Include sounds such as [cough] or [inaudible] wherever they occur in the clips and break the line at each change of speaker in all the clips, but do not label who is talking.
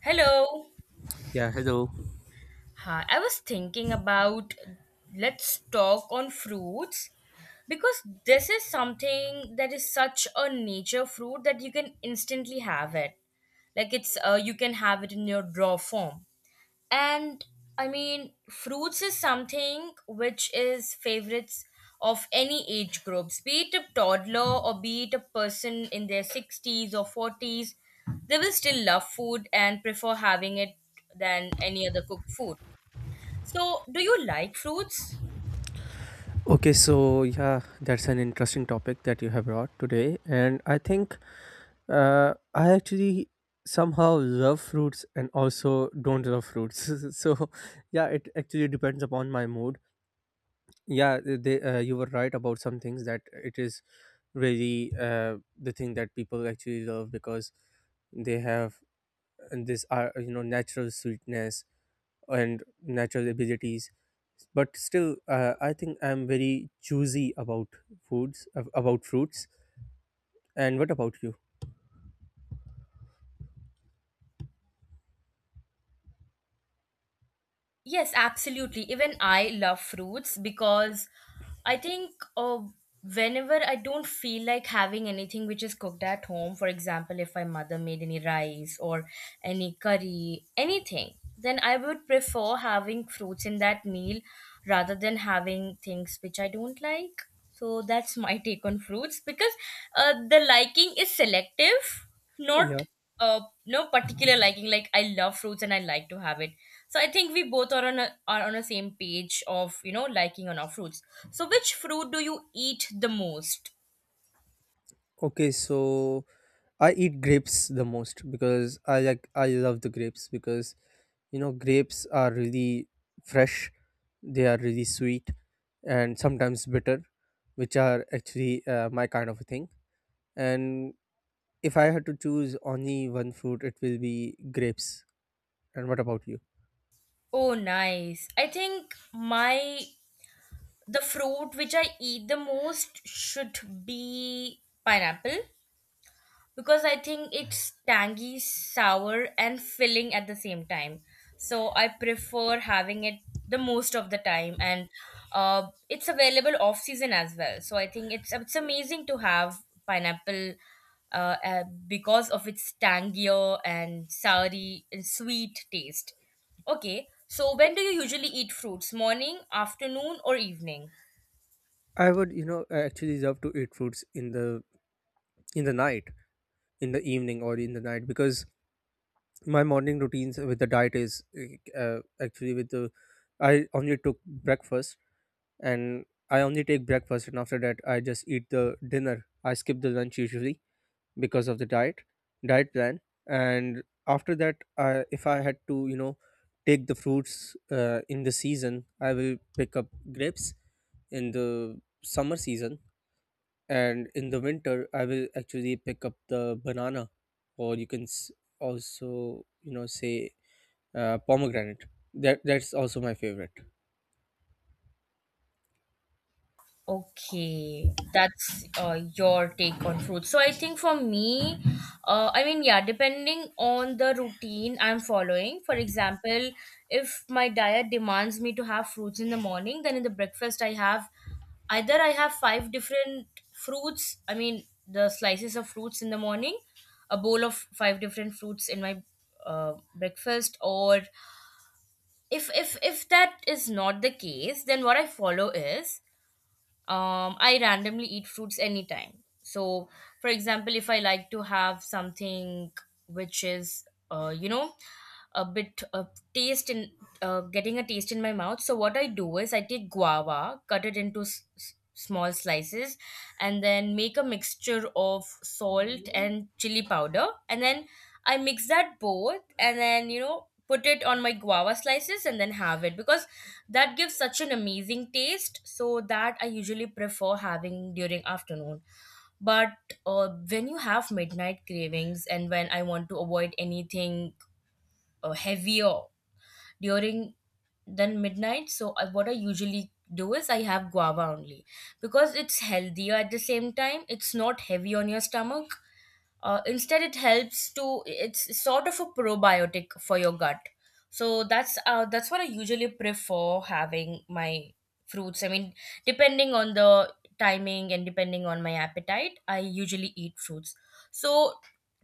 Hello.
Yeah, hello.
Hi, I was thinking about, let's talk on fruits because this is something that is such a nature fruit that you can instantly have it. Like, it's you can have it in your raw form, and I mean fruits is something which is favorites of any age groups, be it a toddler or be it a person in their 60s or 40s. They will still love food and prefer having it than any other cooked food. So do you like fruits?
Okay, so yeah, that's an interesting topic that you have brought today. And I think I actually somehow love fruits and also don't love fruits. [laughs] So yeah, it actually depends upon my mood. Yeah, you were right about some things. That it is really the thing that people actually love, because they have this natural sweetness and natural abilities. But still I think I'm very choosy about about fruits. And what about you?
Yes, absolutely. Even I love fruits because I think whenever I don't feel like having anything which is cooked at home. For example, if my mother made any rice or any curry, anything, then I would prefer having fruits in that meal rather than having things which I don't like. So that's my [laughs] take on fruits because the liking is selective, not
Yeah,
no particular liking. Like, I love fruits and I like to have it. So I think we both are on a are on the same page of, you know, liking on our fruits. So which fruit do you eat the most?
okay, so I eat grapes the most because I love the grapes, because you know grapes are really fresh, they are really sweet and sometimes bitter, which are actually my kind of a thing. And if I had to choose only one fruit, it will be grapes. And what about you?
Oh, nice. I think my, the fruit which I eat the most should be pineapple because I think it's tangy, sour, and filling at the same time. So I prefer having it the most of the time, and it's available off season as well. So I think it's amazing to have pineapple. Because of its tangier and soury and sweet taste. Okay, so when do you usually eat fruits? Morning, afternoon, or evening?
I would, you know, actually love to eat fruits in the in the night, in the evening, or in the night, because my morning routines with the diet is actually with the I only took breakfast and I only take breakfast, and after that I just eat the dinner. I skip the lunch usually because of the diet plan, and after that, I if I had to, you know, take the fruits in the season, I will pick up grapes in the summer season, and in the winter I will actually pick up the banana. Or you can also you know say pomegranate. That's also my favorite.
Okay, that's your take on fruit. So I think for me, I mean, yeah, depending on the routine I'm following. For example, if my diet demands me to have fruits in the morning, then in the breakfast I have, either I have five different fruits. I mean, the slices of fruits in the morning, a bowl of five different fruits in my breakfast, or if that is not the case, then what I follow is, I randomly eat fruits anytime. So, for example, if I like to have something which is, you know, a bit of taste in, getting a taste in my mouth, so what I do is I take guava, cut it into small slices, and then make a mixture of salt and chili powder, and then I mix that both, and then, you know, put it on my guava slices and then have it because that gives such an amazing taste, so that I usually prefer having during afternoon. But when you have midnight cravings and when I want to avoid anything heavier during, than midnight, so I, what I usually do is I have guava only because it's healthier. At the same time, it's not heavy on your stomach. Instead, it helps to, it's sort of a probiotic for your gut. So that's what I usually prefer having my fruits. I mean, depending on the timing and depending on my appetite, I usually eat fruits. So,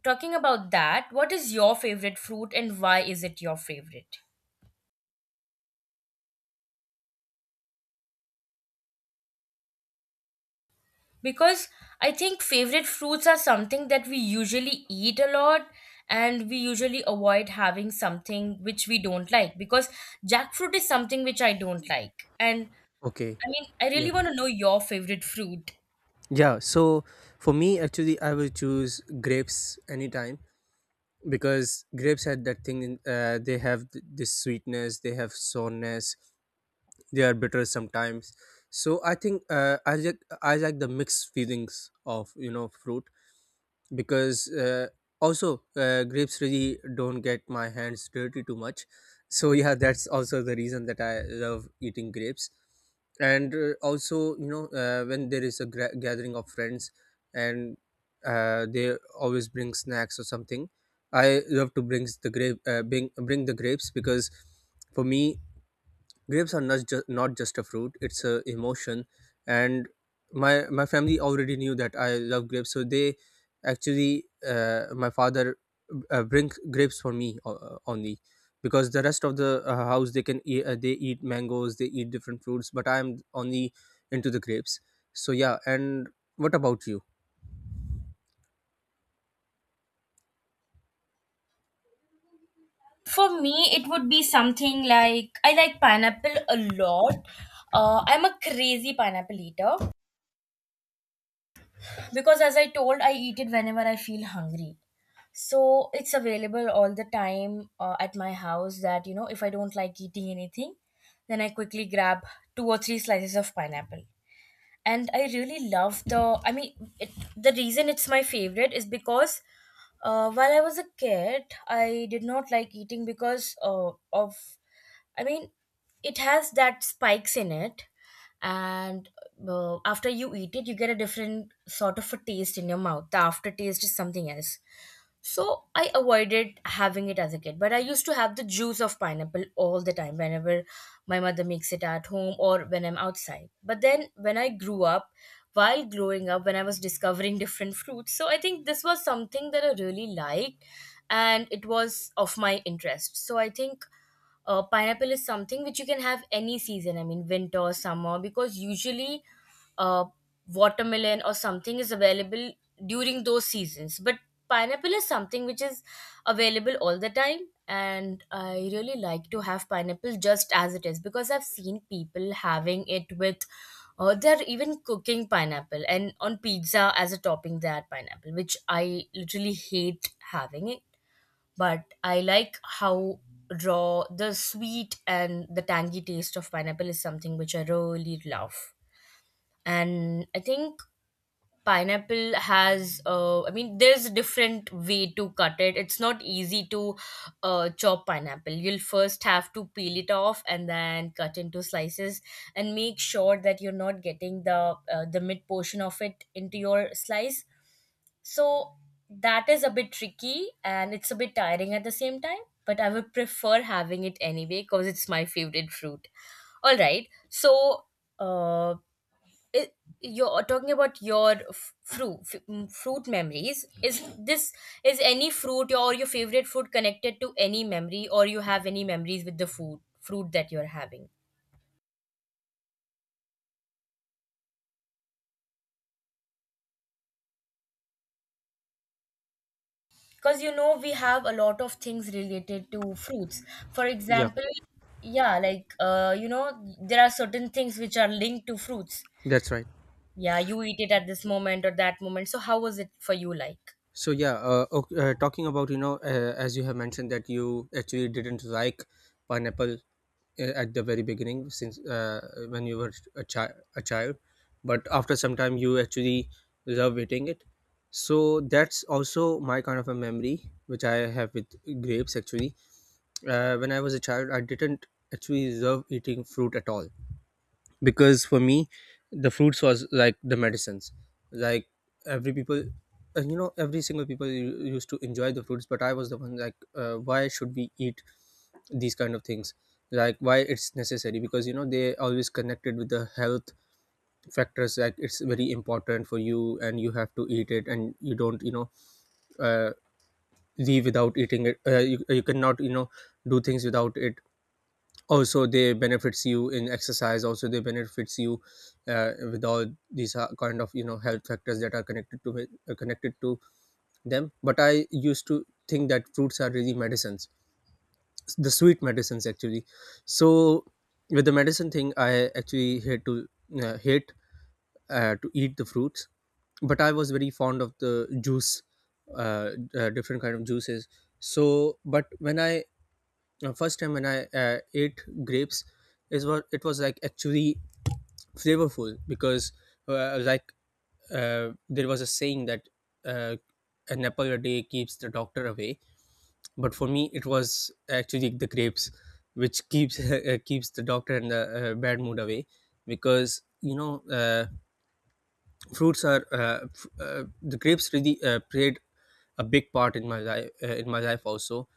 talking about that, what is your favorite fruit and why is it your favorite? Because I think favorite fruits are something that we usually eat a lot, and we usually avoid having something which we don't like, because jackfruit is something which I don't like. And I
Okay.
mean, I
Yeah.
really want to know your favorite fruit.
Yeah. So for me, actually, I will choose grapes anytime because grapes had that thing. They have this sweetness. They have sourness. They are bitter sometimes. So I think I like the mixed feelings of you know fruit. Because also grapes really don't get my hands dirty too much. So [laughs] yeah, that's also the reason that I love eating grapes. And also you know when there is a gathering of friends and they always bring snacks or something, I love to bring the grape bring, bring the grapes. Because for me, grapes are not just a fruit, it's a emotion. And my family already knew that I love grapes, so they actually my father bring grapes for me only. Because the rest of the house they can eat, they eat mangoes, they eat different fruits, but I am only into the grapes. So yeah, and what about you?
For me, it would be something like, I like pineapple a lot. I'm a crazy pineapple eater because, as I told, I eat it whenever I feel hungry. So it's available all the time at my house, that, you know, if I don't like eating anything, then I quickly grab two or three slices of pineapple, and I really love the, I mean, it, the reason it's my favorite is because while I was a kid, I did not like eating because of, I mean, it has that spikes in it, and after you eat it, you get a different sort of a taste in your mouth. The aftertaste is something else. So I avoided having it as a kid, but I used to have the juice of pineapple all the time whenever my mother makes it at home or when I'm outside. But then when I grew up, while growing up, when I was discovering different fruits, so I think this was something that I really liked, and it was of my interest. So I think pineapple is something which you can have any season, I mean winter or summer, because usually uh, watermelon or something is available during those seasons, but pineapple is something which is available all the time. And I really like to have pineapple just as it is, because I've seen people having it with, or they're even cooking pineapple, and on pizza as a topping they add pineapple, which I literally hate having. But I like how raw the sweet and the tangy taste of pineapple is, something which I really love. And I think pineapple has, I mean, there's a different way to cut it. It's not easy to chop pineapple. You'll first have to peel it off and then cut into slices, and make sure that you're not getting the mid portion of it into your slice. So that is a bit tricky, and it's a bit tiring at the same time, but I would prefer having it anyway because it's my favorite fruit. All right. So uh, it, you're talking about your fruit fruit memories. Is this, is any fruit or your favorite fruit connected to any memory, or you have any memories with the food fruit that you're having? Because, you know, we have a lot of things related to fruits. For
Yeah,
example, yeah, like you know, there are certain things which are linked to fruits.
that's right.
Yeah, you eat it at this moment or that moment. So how was it for you, like?
So yeah, talking about you know as you have mentioned that you actually didn't like pineapple at the very beginning since when you were a child, but after some time you actually love eating it. So that's also my kind of a memory which I have with grapes actually. When I was a child, I didn't actually love eating fruit at all, because for me the fruits was like the medicines. Like every people every single people used to enjoy the fruits, but I was the one like why should we eat these kind of things? Like why it's necessary, because you know they always connected with the health factors, like it's very important for you and you have to eat it, and you don't you know uh, leave without eating it. You cannot you know do things without it. Also they benefits you in exercise, also they benefits you with all these kind of you know health factors that are connected to connected to them. But I used to think that fruits are really medicines, the sweet medicines actually. So with the medicine thing, I actually hate to hate to eat the fruits. But I was very fond of the juice, uh, different kind of juices. So but when I first time when I ate grapes, is what it was like actually flavorful. Because uh, like there was a saying that uh, an apple a day keeps the doctor away, but for me it was actually the grapes which keeps [laughs] keeps the doctor and the bad mood away. Because you know fruits are the grapes really played a big part in my life, also.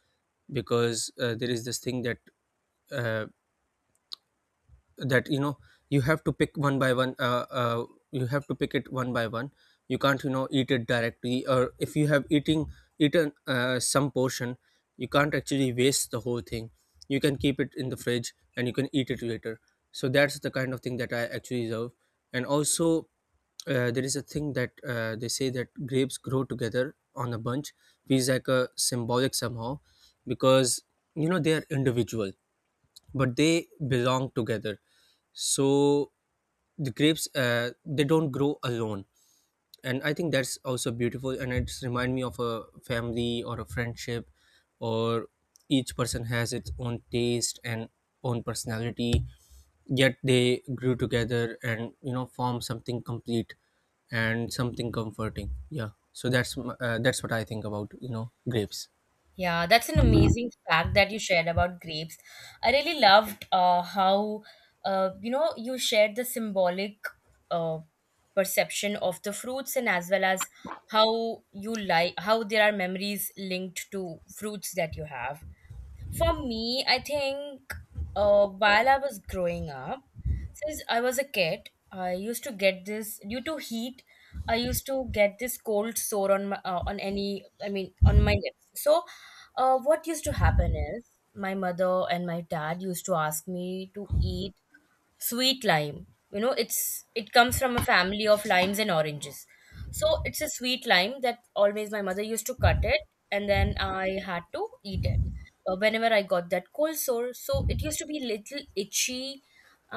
Because there is this thing that uh, you know you have to pick one by one, you have to pick it one by one. You can't you know eat it directly, or if you have eating eaten some portion, you can't actually waste the whole thing. You can keep it in the fridge and you can eat it later. So that's the kind of thing that I actually love. And also there is a thing that they say that grapes grow together on a bunch, feels like a symbolic somehow. Because you know they are individual, but they belong together. So the grapes they don't grow alone. And I think that's also beautiful, and it's remind me of a family or a friendship, or each person has its own taste and own personality, yet they grew together and you know form something complete and something comforting. Yeah, so that's what I think about you know grapes.
Yeah, that's an amazing fact that you shared about grapes. I really loved how, you know, you shared the symbolic uh, perception of the fruits, and as well as how you like how there are memories linked to fruits that you have. For me, I think while I was growing up, since I was a kid, I used to get this due to heat. I used to get this cold sore on my on any, I mean on my lips. So, what used to happen is my mother and my dad used to ask me to eat sweet lime. You know, it's it comes from a family of limes and oranges. So it's a sweet lime that always my mother used to cut it, and then I had to eat it. Whenever I got that cold sore, so it used to be little itchy.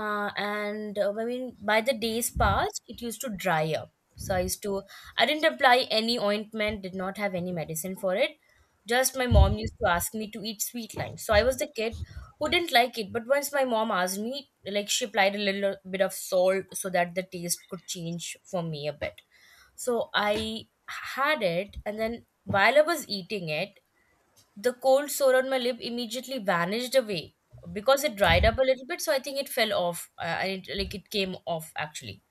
And I mean, by the days passed, it used to dry up. So I used to, I didn't apply any ointment, did not have any medicine for it. Just my mom used to ask me to eat sweet lime. So I was the kid, wouldn't like it. But once my mom asked me, like, she applied a little bit of salt so that the taste could change for me a bit. So I had it, and then while I was eating it, the cold sore on my lip immediately vanished away because it dried up a little bit, so I think it fell off. And it, like, it came off actually.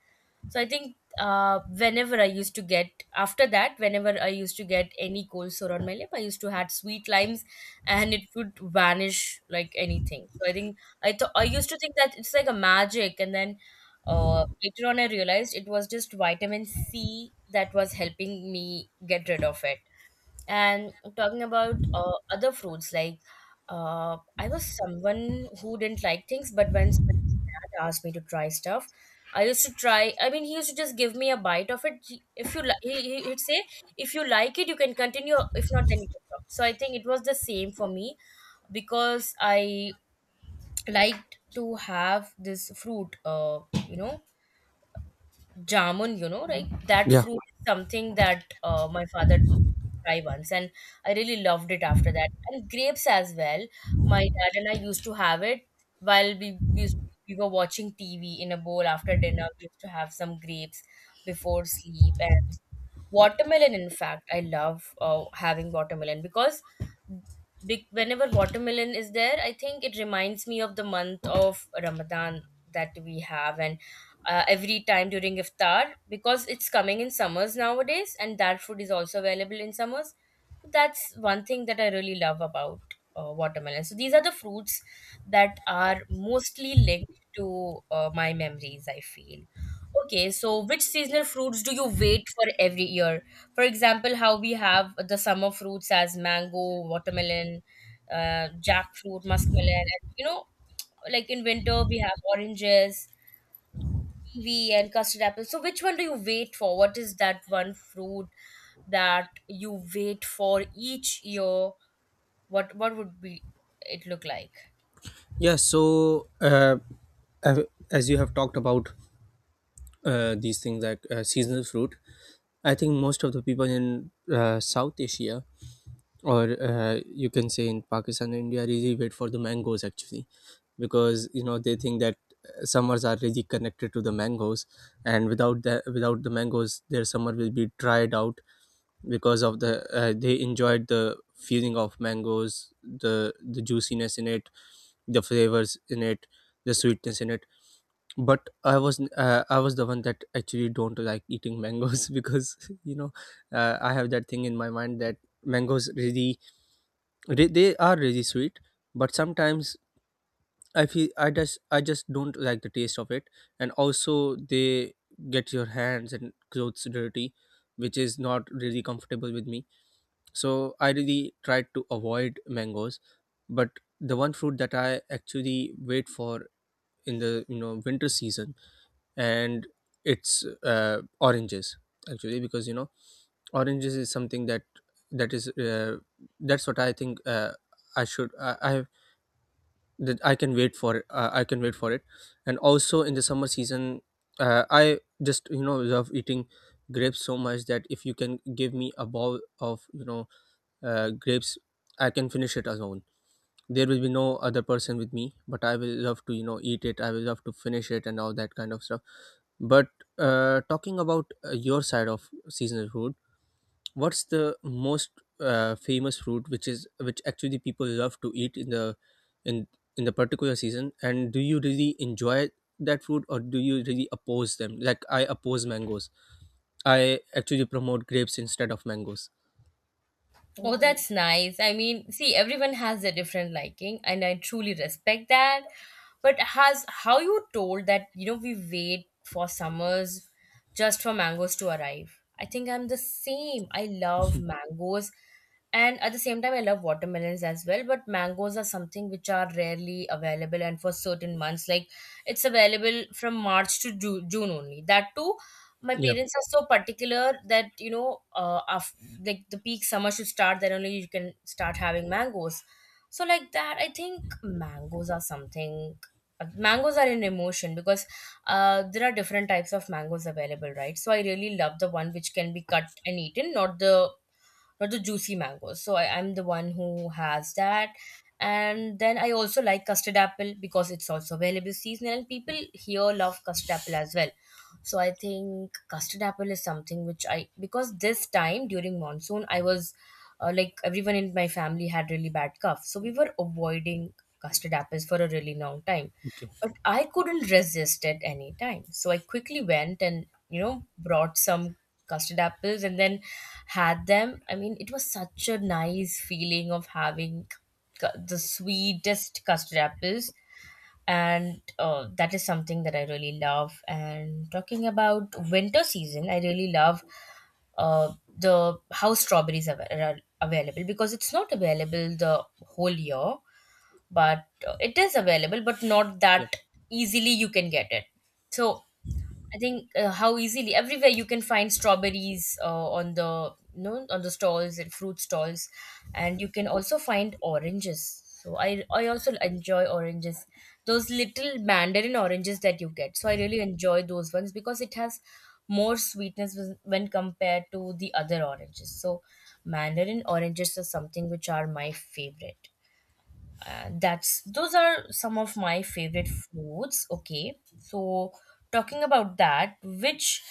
So I think whenever I used to get after that, whenever I used to get any cold sore on my lip, I used to add sweet limes, and it would vanish like anything. So I think, I thought, I used to think that it's like a magic, and then later on I realized it was just vitamin C that was helping me get rid of it. And talking about other fruits, like, I was someone who didn't like things, but once my dad asked me to try stuff, I used to try. I mean, he used to just give me a bite of it. He, if you like, he'd say, if you like it, you can continue. If not, then you can stop. So I think it was the same for me because I liked to have this fruit. You know jamun, like that fruit is something that my father made me try once, and I really loved it after that. And grapes as well, my dad and I used to have it while we were watching TV in a bowl. After dinner, we used to have some grapes before sleep. And watermelon, in fact I love having watermelon because whenever watermelon is there, I think it reminds me of the month of Ramadan that we have. And every time during Iftar, because it's coming in summers nowadays and that food is also available in summers, that's one thing that I really love about watermelon. So these are the fruits that are mostly linked to my memories, I feel. Okay, so which seasonal fruits do you wait for every year? For example, how we have the summer fruits as mango, watermelon, jackfruit, muskmelon, and like in winter we have oranges, kiwi, and custard apple. So which one do you wait for? What is that one fruit that you wait for each year? What would be it look like?
Yeah, so as you have talked about these things like seasonal fruit, I think most of the people in South Asia, or you can say in Pakistan and India, really wait for the mangoes actually. Because you know they think that summers are really connected to the mangoes, and without the mangoes their summer will be dried out. Because of the they enjoyed the feeling of mangoes, the juiciness in it, the flavors in it, the sweetness in it. But I was the one that actually don't like eating mangoes. [laughs] Because you know I have that thing in my mind that mangoes really, they are really sweet. But sometimes I feel I just don't like the taste of it. And also they get your hands and clothes dirty, which is not really comfortable with me. So I really tried to avoid mangoes. But the one fruit that I actually wait for in the you know winter season, and it's oranges actually. Because you know oranges is something that is uh, that's what I think I have that I can wait for it, and also in the summer season, I just you know love eating grapes so much that if you can give me a bowl of you know grapes, I can finish it alone. There will be no other person with me, but I will love to you know eat it, I will love to finish it, and all that kind of stuff. But talking about your side of seasonal food, what's the most famous fruit which actually people love to eat in in the particular season? And do you really enjoy that fruit, or do you really oppose them? Like I oppose mangoes. I actually promote grapes instead of mangoes.
Oh, that's nice. I mean, see, everyone has a different liking, and I truly respect that. But has how you told that, you know, we wait for summers just for mangoes to arrive? I think I'm the same. I love
[laughs]
mangoes, and at the same time, I love watermelons as well. But mangoes are something which are rarely available, and for certain months, like it's available from March to June only. That too my
Yeah.
parents are so particular that, you know, after, like the peak summer should start, then only you can start having mangoes. So like that, I think mangoes are something, mangoes are an emotion because there are different types of mangoes available, right? So I really love the one which can be cut and eaten, not the not the juicy mangoes. So I'm the one who has that. And then I also like custard apple because it's also available seasonal and people here love custard apple as well. So I think custard apple is something which I, because this time during monsoon I was like everyone in my family had really bad cough. So we were avoiding custard apples for a really long time.
Okay.
But I couldn't resist at any time. So I quickly went and, you know, brought some custard apples and then had them. I mean, it was such a nice feeling of having the sweetest custard apples. And that is something that I really love. And talking about winter season, I really love the how strawberries are available because it's not available the whole year, but it is available but not
Yeah.
that easily you can get it. So I think how easily everywhere you can find strawberries on the, you know, on the stalls and fruit stalls, and you can also find oranges. So I also enjoy oranges, those little mandarin oranges that you get. So I really enjoy those ones because it has more sweetness when compared to the other oranges. So mandarin oranges are something which are my favorite. That's those are some of my favorite fruits. Okay, so talking about that, which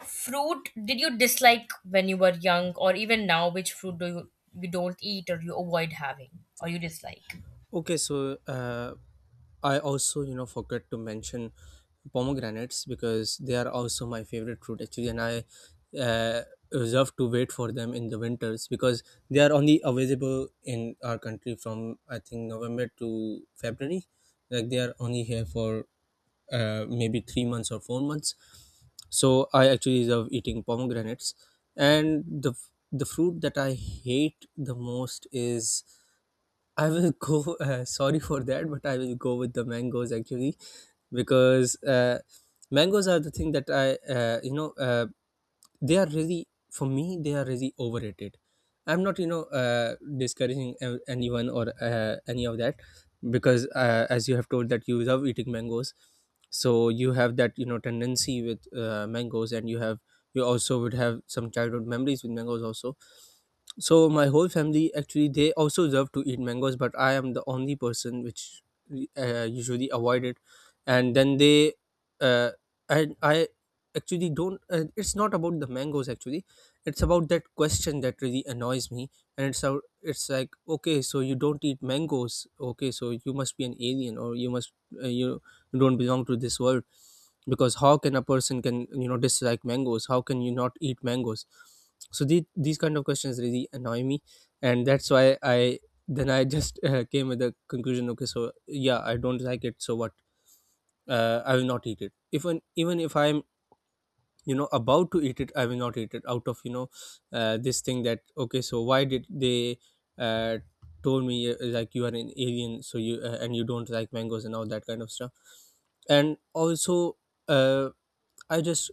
fruit did you dislike when you were young, or even now, which fruit do you you don't eat, or you avoid having, or you dislike?
Okay, so I also, you know, forgot to mention pomegranates, because they are also my favorite fruit actually, and I uh, reserve to wait for them in the winters. Because they are only available in our country from I think November to February. Like they are only here for maybe 3 months or 4 months. So I actually love eating pomegranates, and the fruit that I hate the most is I will go. [laughs] Sorry for that, but I will go with the mangoes actually. Because mangoes are the thing that I you know. They are really, for me, they are really overrated. I'm not, discouraging anyone or any of that, because as you have told that you love eating mangoes, so you have that, you know, tendency with mangoes, and you have, you also would have some childhood memories with mangoes also. So my whole family actually, they also love to eat mangoes, but I am the only person which usually avoid it. And then they uh, and i actually don't. It's not about the mangoes actually, it's about that question that really annoys me. And it's out, it's like, okay, so you don't eat mangoes, okay, so you must be an alien, or you must, you don't belong to this world. Because how can a person can, you know, dislike mangoes, how can you not eat mangoes? So these kind of questions really annoy me. And that's why I just [laughs] came with the conclusion, okay, so yeah, I don't like it, so what? I will not eat it, even if I'm, you know, about to eat it, I will not eat it out of, you know, this thing that, okay, so why did they uh, told me, like, you are an alien, so you, and you don't like mangoes and all that kind of stuff. And also, uh, I just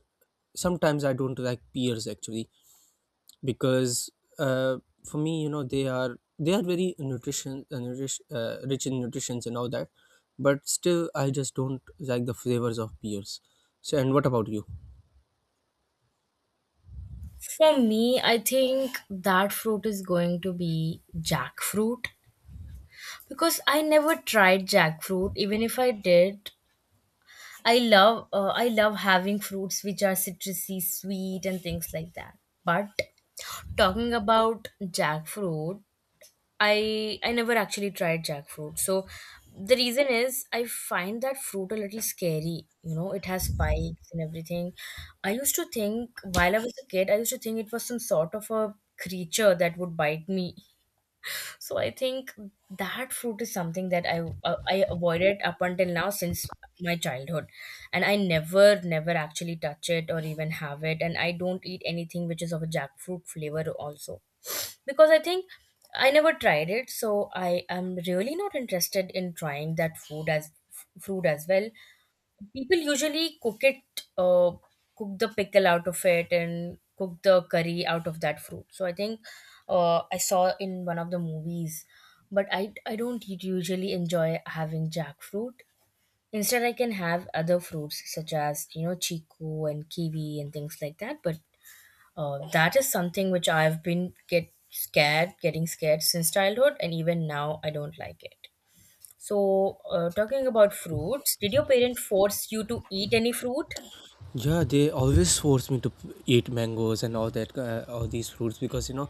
sometimes I don't like pears actually, because, uh, for me, you know, they are very nutrition, nourish, rich in nutritions and all that, but still I just don't like the flavors of pears. So, and what about you?
For me, I think that fruit is going to be jackfruit because I never tried jackfruit. Even if I did, I love having fruits which are citrusy, sweet, and things like that. But talking about jackfruit, I never actually tried jackfruit. So the reason is I find that fruit a little scary. You know, it has spikes and everything. I used to think, while I was a kid, I used to think it was some sort of a creature that would bite me. So I think that fruit is something that I avoided up until now since my childhood, and I never actually touch it or even have it, and I don't eat anything which is of a jackfruit flavor also, because I think I never tried it, so I am really not interested in trying that food as fruit as well. People usually cook it, uh, cook the pickle out of it, and cook the curry out of that fruit. So I think I saw in one of the movies, but I don't usually enjoy having jackfruit. Instead, I can have other fruits such as, you know, chiku and kiwi and things like that. But that is something which I've been get scared, getting scared since childhood, and even now I don't like it. So, talking about fruits, did your parent force you to eat any fruit?
Yeah, they always force me to eat mangoes and all that, all these fruits, because, you know,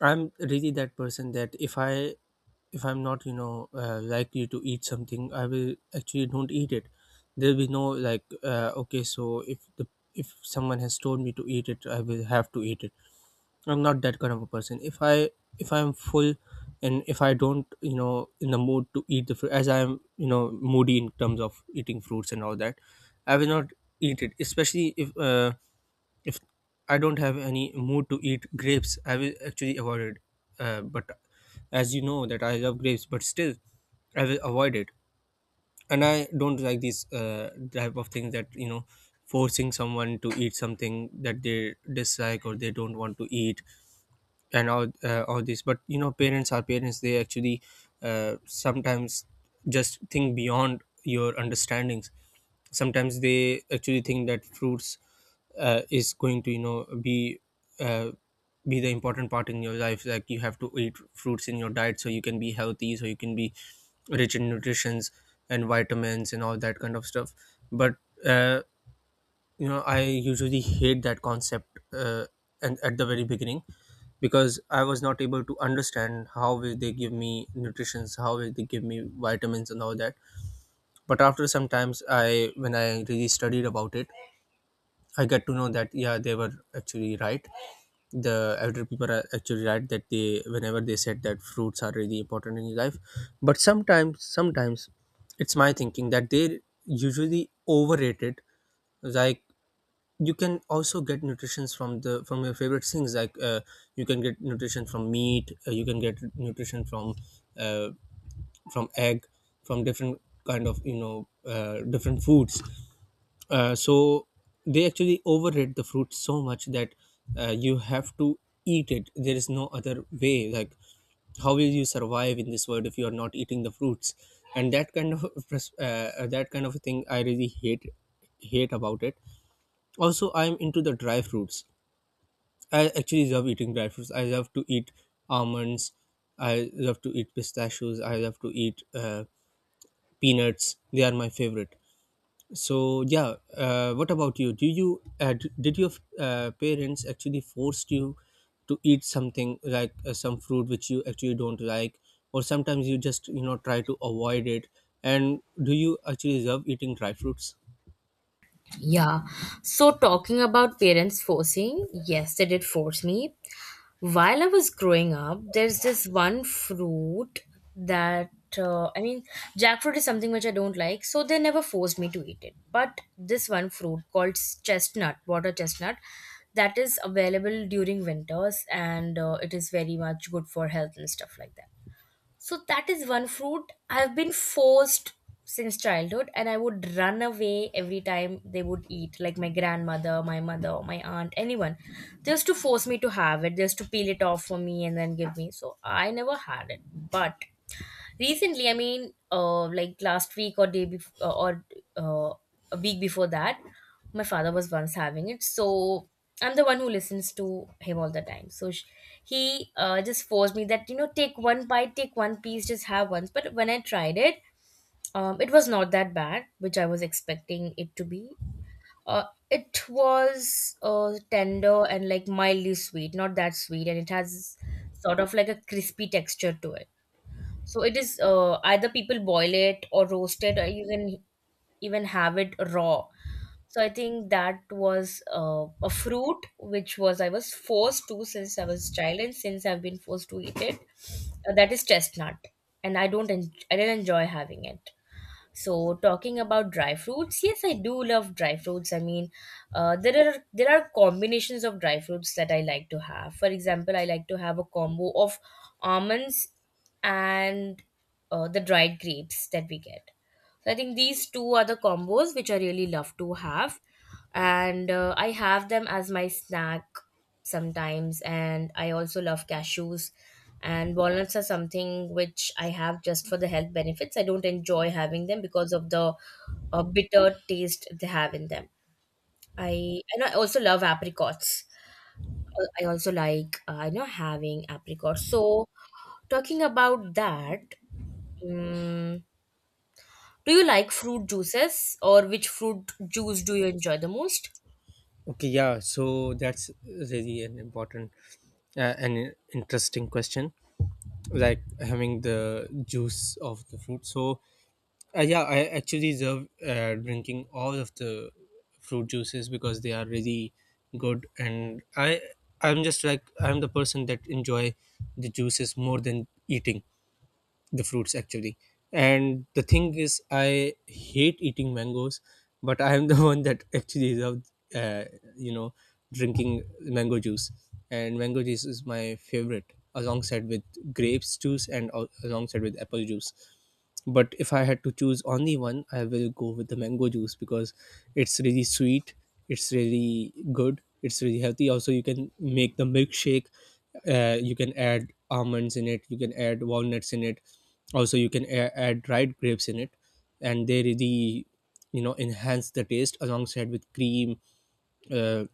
I'm really that person that if I'm not, likely to eat something, I will actually don't eat it. There'll be no like, okay, so if someone has told me to eat it, I will have to eat it. I'm not that kind of a person. If I'm full and if I don't, you know, in the mood to eat the fruit, as I'm, you know, moody in terms of eating fruits and all that, I will not eat it. Especially if I don't have any mood to eat grapes, I will actually avoid it. But as you know that I love grapes, but still, I will avoid it. And I don't like these type of things that, you know, forcing someone to eat something that they dislike or they don't want to eat and all this. But you know, parents are parents, they actually sometimes just think beyond your understandings. Sometimes they actually think that fruits is going to, you know, be, uh, be the important part in your life, like you have to eat fruits in your diet so you can be healthy, so you can be rich in nutritions and vitamins and all that kind of stuff. But uh, you know, I usually hate that concept, and at the very beginning, because I was not able to understand, how will they give me nutritions, how will they give me vitamins and all that. But after some times, I when I really studied about it, I got to know that yeah, they were actually right. The elder people are actually right, that they, whenever they said that fruits are really important in your life. But sometimes it's my thinking that they usually overrated, like you can also get nutrition from the, from your favorite things, like you can get nutrition from meat, you can get nutrition from, uh, from egg, from different kind of, you know, different foods. So they actually overrate the fruit so much that, you have to eat it, there is no other way, like how will you survive in this world if you are not eating the fruits? And that kind of [laughs] that kind of thing I really hate about it. Also, I'm into the dry fruits. I actually love eating dry fruits. I love to eat almonds, I love to eat pistachios, I love to eat peanuts, they are my favorite. So yeah, what about you, do you did your parents actually forced you to eat something, like some fruit which you actually don't like, or sometimes you just, you know, try to avoid it? And do you actually love eating dry fruits?
Yeah. So talking about parents forcing, yes, they did force me. While I was growing up, there's this one fruit that I mean, jackfruit is something which I don't like, so they never forced me to eat it. But this one fruit called chestnut, water chestnut, that is available during winters, and it is very much good for health and stuff like that. So that is one fruit I've been forced since childhood, and I would run away every time they would eat, like my grandmother, my mother, my aunt, anyone, just to force me to have it, just to peel it off for me and then give me. So I never had it, but recently, I mean, like last week or day before, or uh, a week before that, my father was once having it. So I'm the one who listens to him all the time. So he just forced me that, you know, take one bite, take one piece, just have once. But when I tried it, it was not that bad, which I was expecting it to be. Uh, it was tender and like mildly sweet, not that sweet, and it has sort of like a crispy texture to it. So it is either people boil it or roast it, or you can even have it raw. So I think that was a fruit which was I was forced to since I was child, and since I've been forced to eat it. That is chestnut, and I don't I didn't enjoy having it. So talking about dry fruits, yes, I do love dry fruits. I mean, there are combinations of dry fruits that I like to have. For example, I like to have a combo of almonds and the dried grapes that we get. So I think these two are the combos which I really love to have, and I have them as my snack sometimes. And I also love cashews, and walnuts are something which I have just for the health benefits. I don't enjoy having them because of the bitter taste they have in them. I and I also love apricots. I also like you know, having apricots. So talking about that, um, do you like fruit juices, or which fruit juice do you enjoy the most?
Okay, yeah, so that's really an important and interesting question, like having the juice of the fruit. So, yeah, I actually love drinking all of the fruit juices, because they are really good, and I'm just like, I'm the person that enjoy the juices more than eating the fruits actually. And the thing is, I hate eating mangoes, but I am the [laughs] one that actually love, uh, you know, drinking mango juice. And mango juice is my favorite, alongside with grapes juice, and alongside with apple juice. But if I had to choose only one, I will go with the mango juice, because it's really sweet, it's really good, it's really healthy. Also, you can make the milkshake. You can add almonds in it, you can add walnuts in it. Also, you can add dried grapes in it, and they really, you know, enhance the taste, alongside with cream, uh,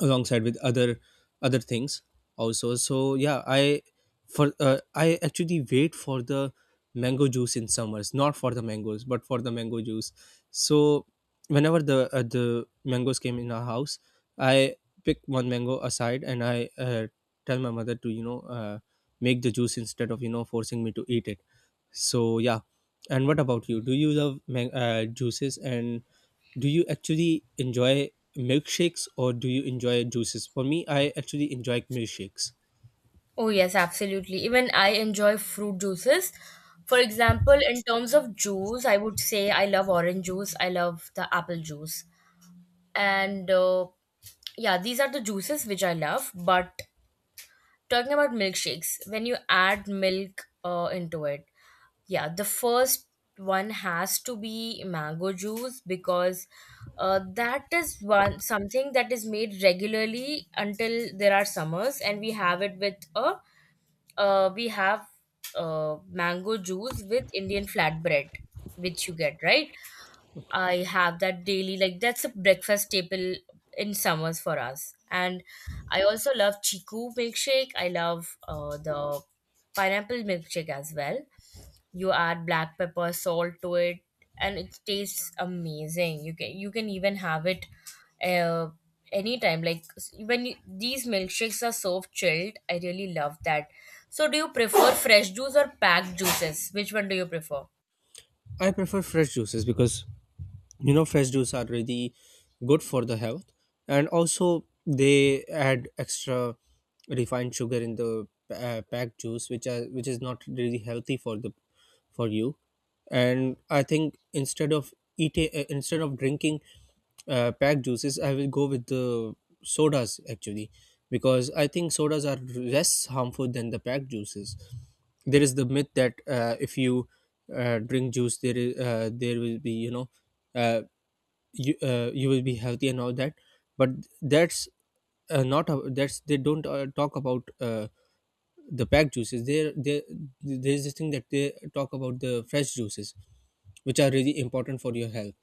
alongside with other things also. So yeah, I actually wait for the mango juice in summers, not for the mangoes, but for the mango juice. So whenever the mangoes came in our house, I pick one mango aside, and I tell my mother to, you know, make the juice, instead of, you know, forcing me to eat it. So yeah, and what about you, do you love juices, and do you actually enjoy milkshakes, or do you enjoy juices? For me, I actually enjoy milkshakes.
Oh, yes, absolutely. Even I enjoy fruit juices. For example, in terms of juice, I would say I love orange juice, I love the apple juice. And yeah, these are the juices which I love. But talking about milkshakes, when you add milk into it, yeah, the first one has to be mango juice because that is one something that is made regularly until there are summers, and we have it with a we have mango juice with Indian flatbread, which you get, right? I have that daily. Like that's a breakfast staple in summers for us. And I also love chiku milkshake. I love the pineapple milkshake as well. You add black pepper, salt to it, and it tastes amazing. You can even have it uh, anytime. Like when you, these milkshakes are so chilled, I really love that. So, do you prefer fresh juice or packed juices? Which one do you prefer?
I prefer fresh juices, because, you know, fresh juice are really good for the health. And also, they add extra refined sugar in the packed juice, which are, which is not really healthy for the for you. And I think, instead of eating instead of drinking packed juices, I will go with the sodas actually, because I think sodas are less harmful than the packed juices. There is the myth that, if you drink juice, there is, there will be, you know, uh, you, you will be healthy and all that. But that's not that's, they don't talk about the packed juices. There, there is this thing that they talk about the fresh juices, which are really important for your health.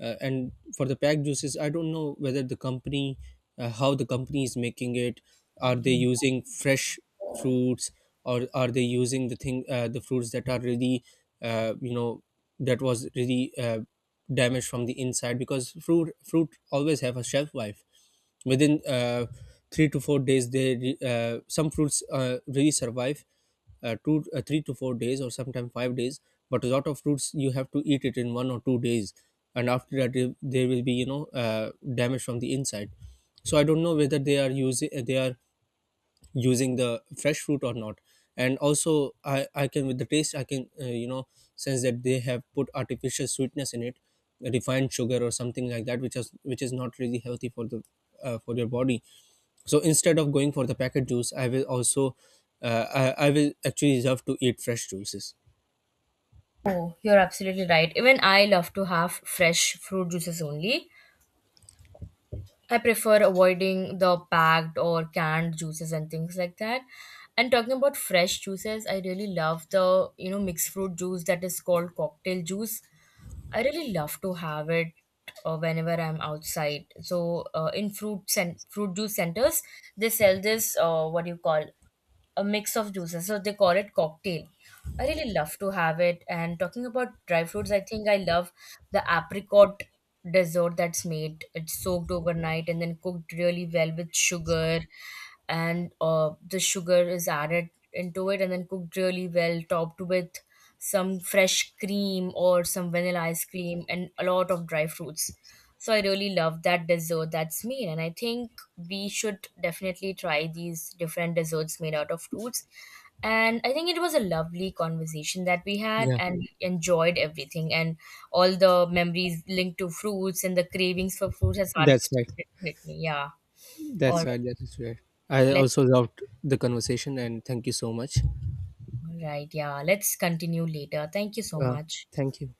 And for the packed juices, I don't know whether the company, how the company is making it. Are they using fresh fruits, or are they using the thing, the fruits that are really, you know, that was really damaged from the inside? Because fruit always have a shelf life. Within 3 to 4 days, they some fruits really survive two 3 to 4 days, or sometimes 5 days. But a lot of fruits you have to eat it in 1 or 2 days, and after that there will be, you know, damage from the inside. So I don't know whether they are using the fresh fruit or not. And also, I can, with the taste I can, you know, sense that they have put artificial sweetness in it, refined sugar or something like that, which is, which is not really healthy for the, for your body. So instead of going for the packet juice, I will also, I will actually love to eat fresh juices.
Oh, you're absolutely right. Even I love to have fresh fruit juices only. I prefer avoiding the packed or canned juices and things like that. And talking about fresh juices, I really love the, you know, mixed fruit juice that is called cocktail juice. I really love to have it whenever I'm outside. So, in fruit fruit juice centers, they sell this what do you call a mix of juices. So they call it cocktail. I really love to have it. And talking about dry fruits, I think I love the apricot dessert that's made. It's soaked overnight and then cooked really well with sugar, and the sugar is added into it and then cooked really well, topped with some fresh cream or some vanilla ice cream and a lot of dry fruits. So I really love that dessert that's made, and I think we should definitely try these different desserts made out of fruits. And I think it was a lovely conversation that we had,
Yeah,
and we enjoyed everything and all the memories linked to fruits and the cravings for fruits has
that's right
started with me. Yeah. All right.
that is right. I
Let's.
also loved the conversation, and thank you so much.
All right. Yeah. Let's continue later. Thank you so
uh,
much.
thank you.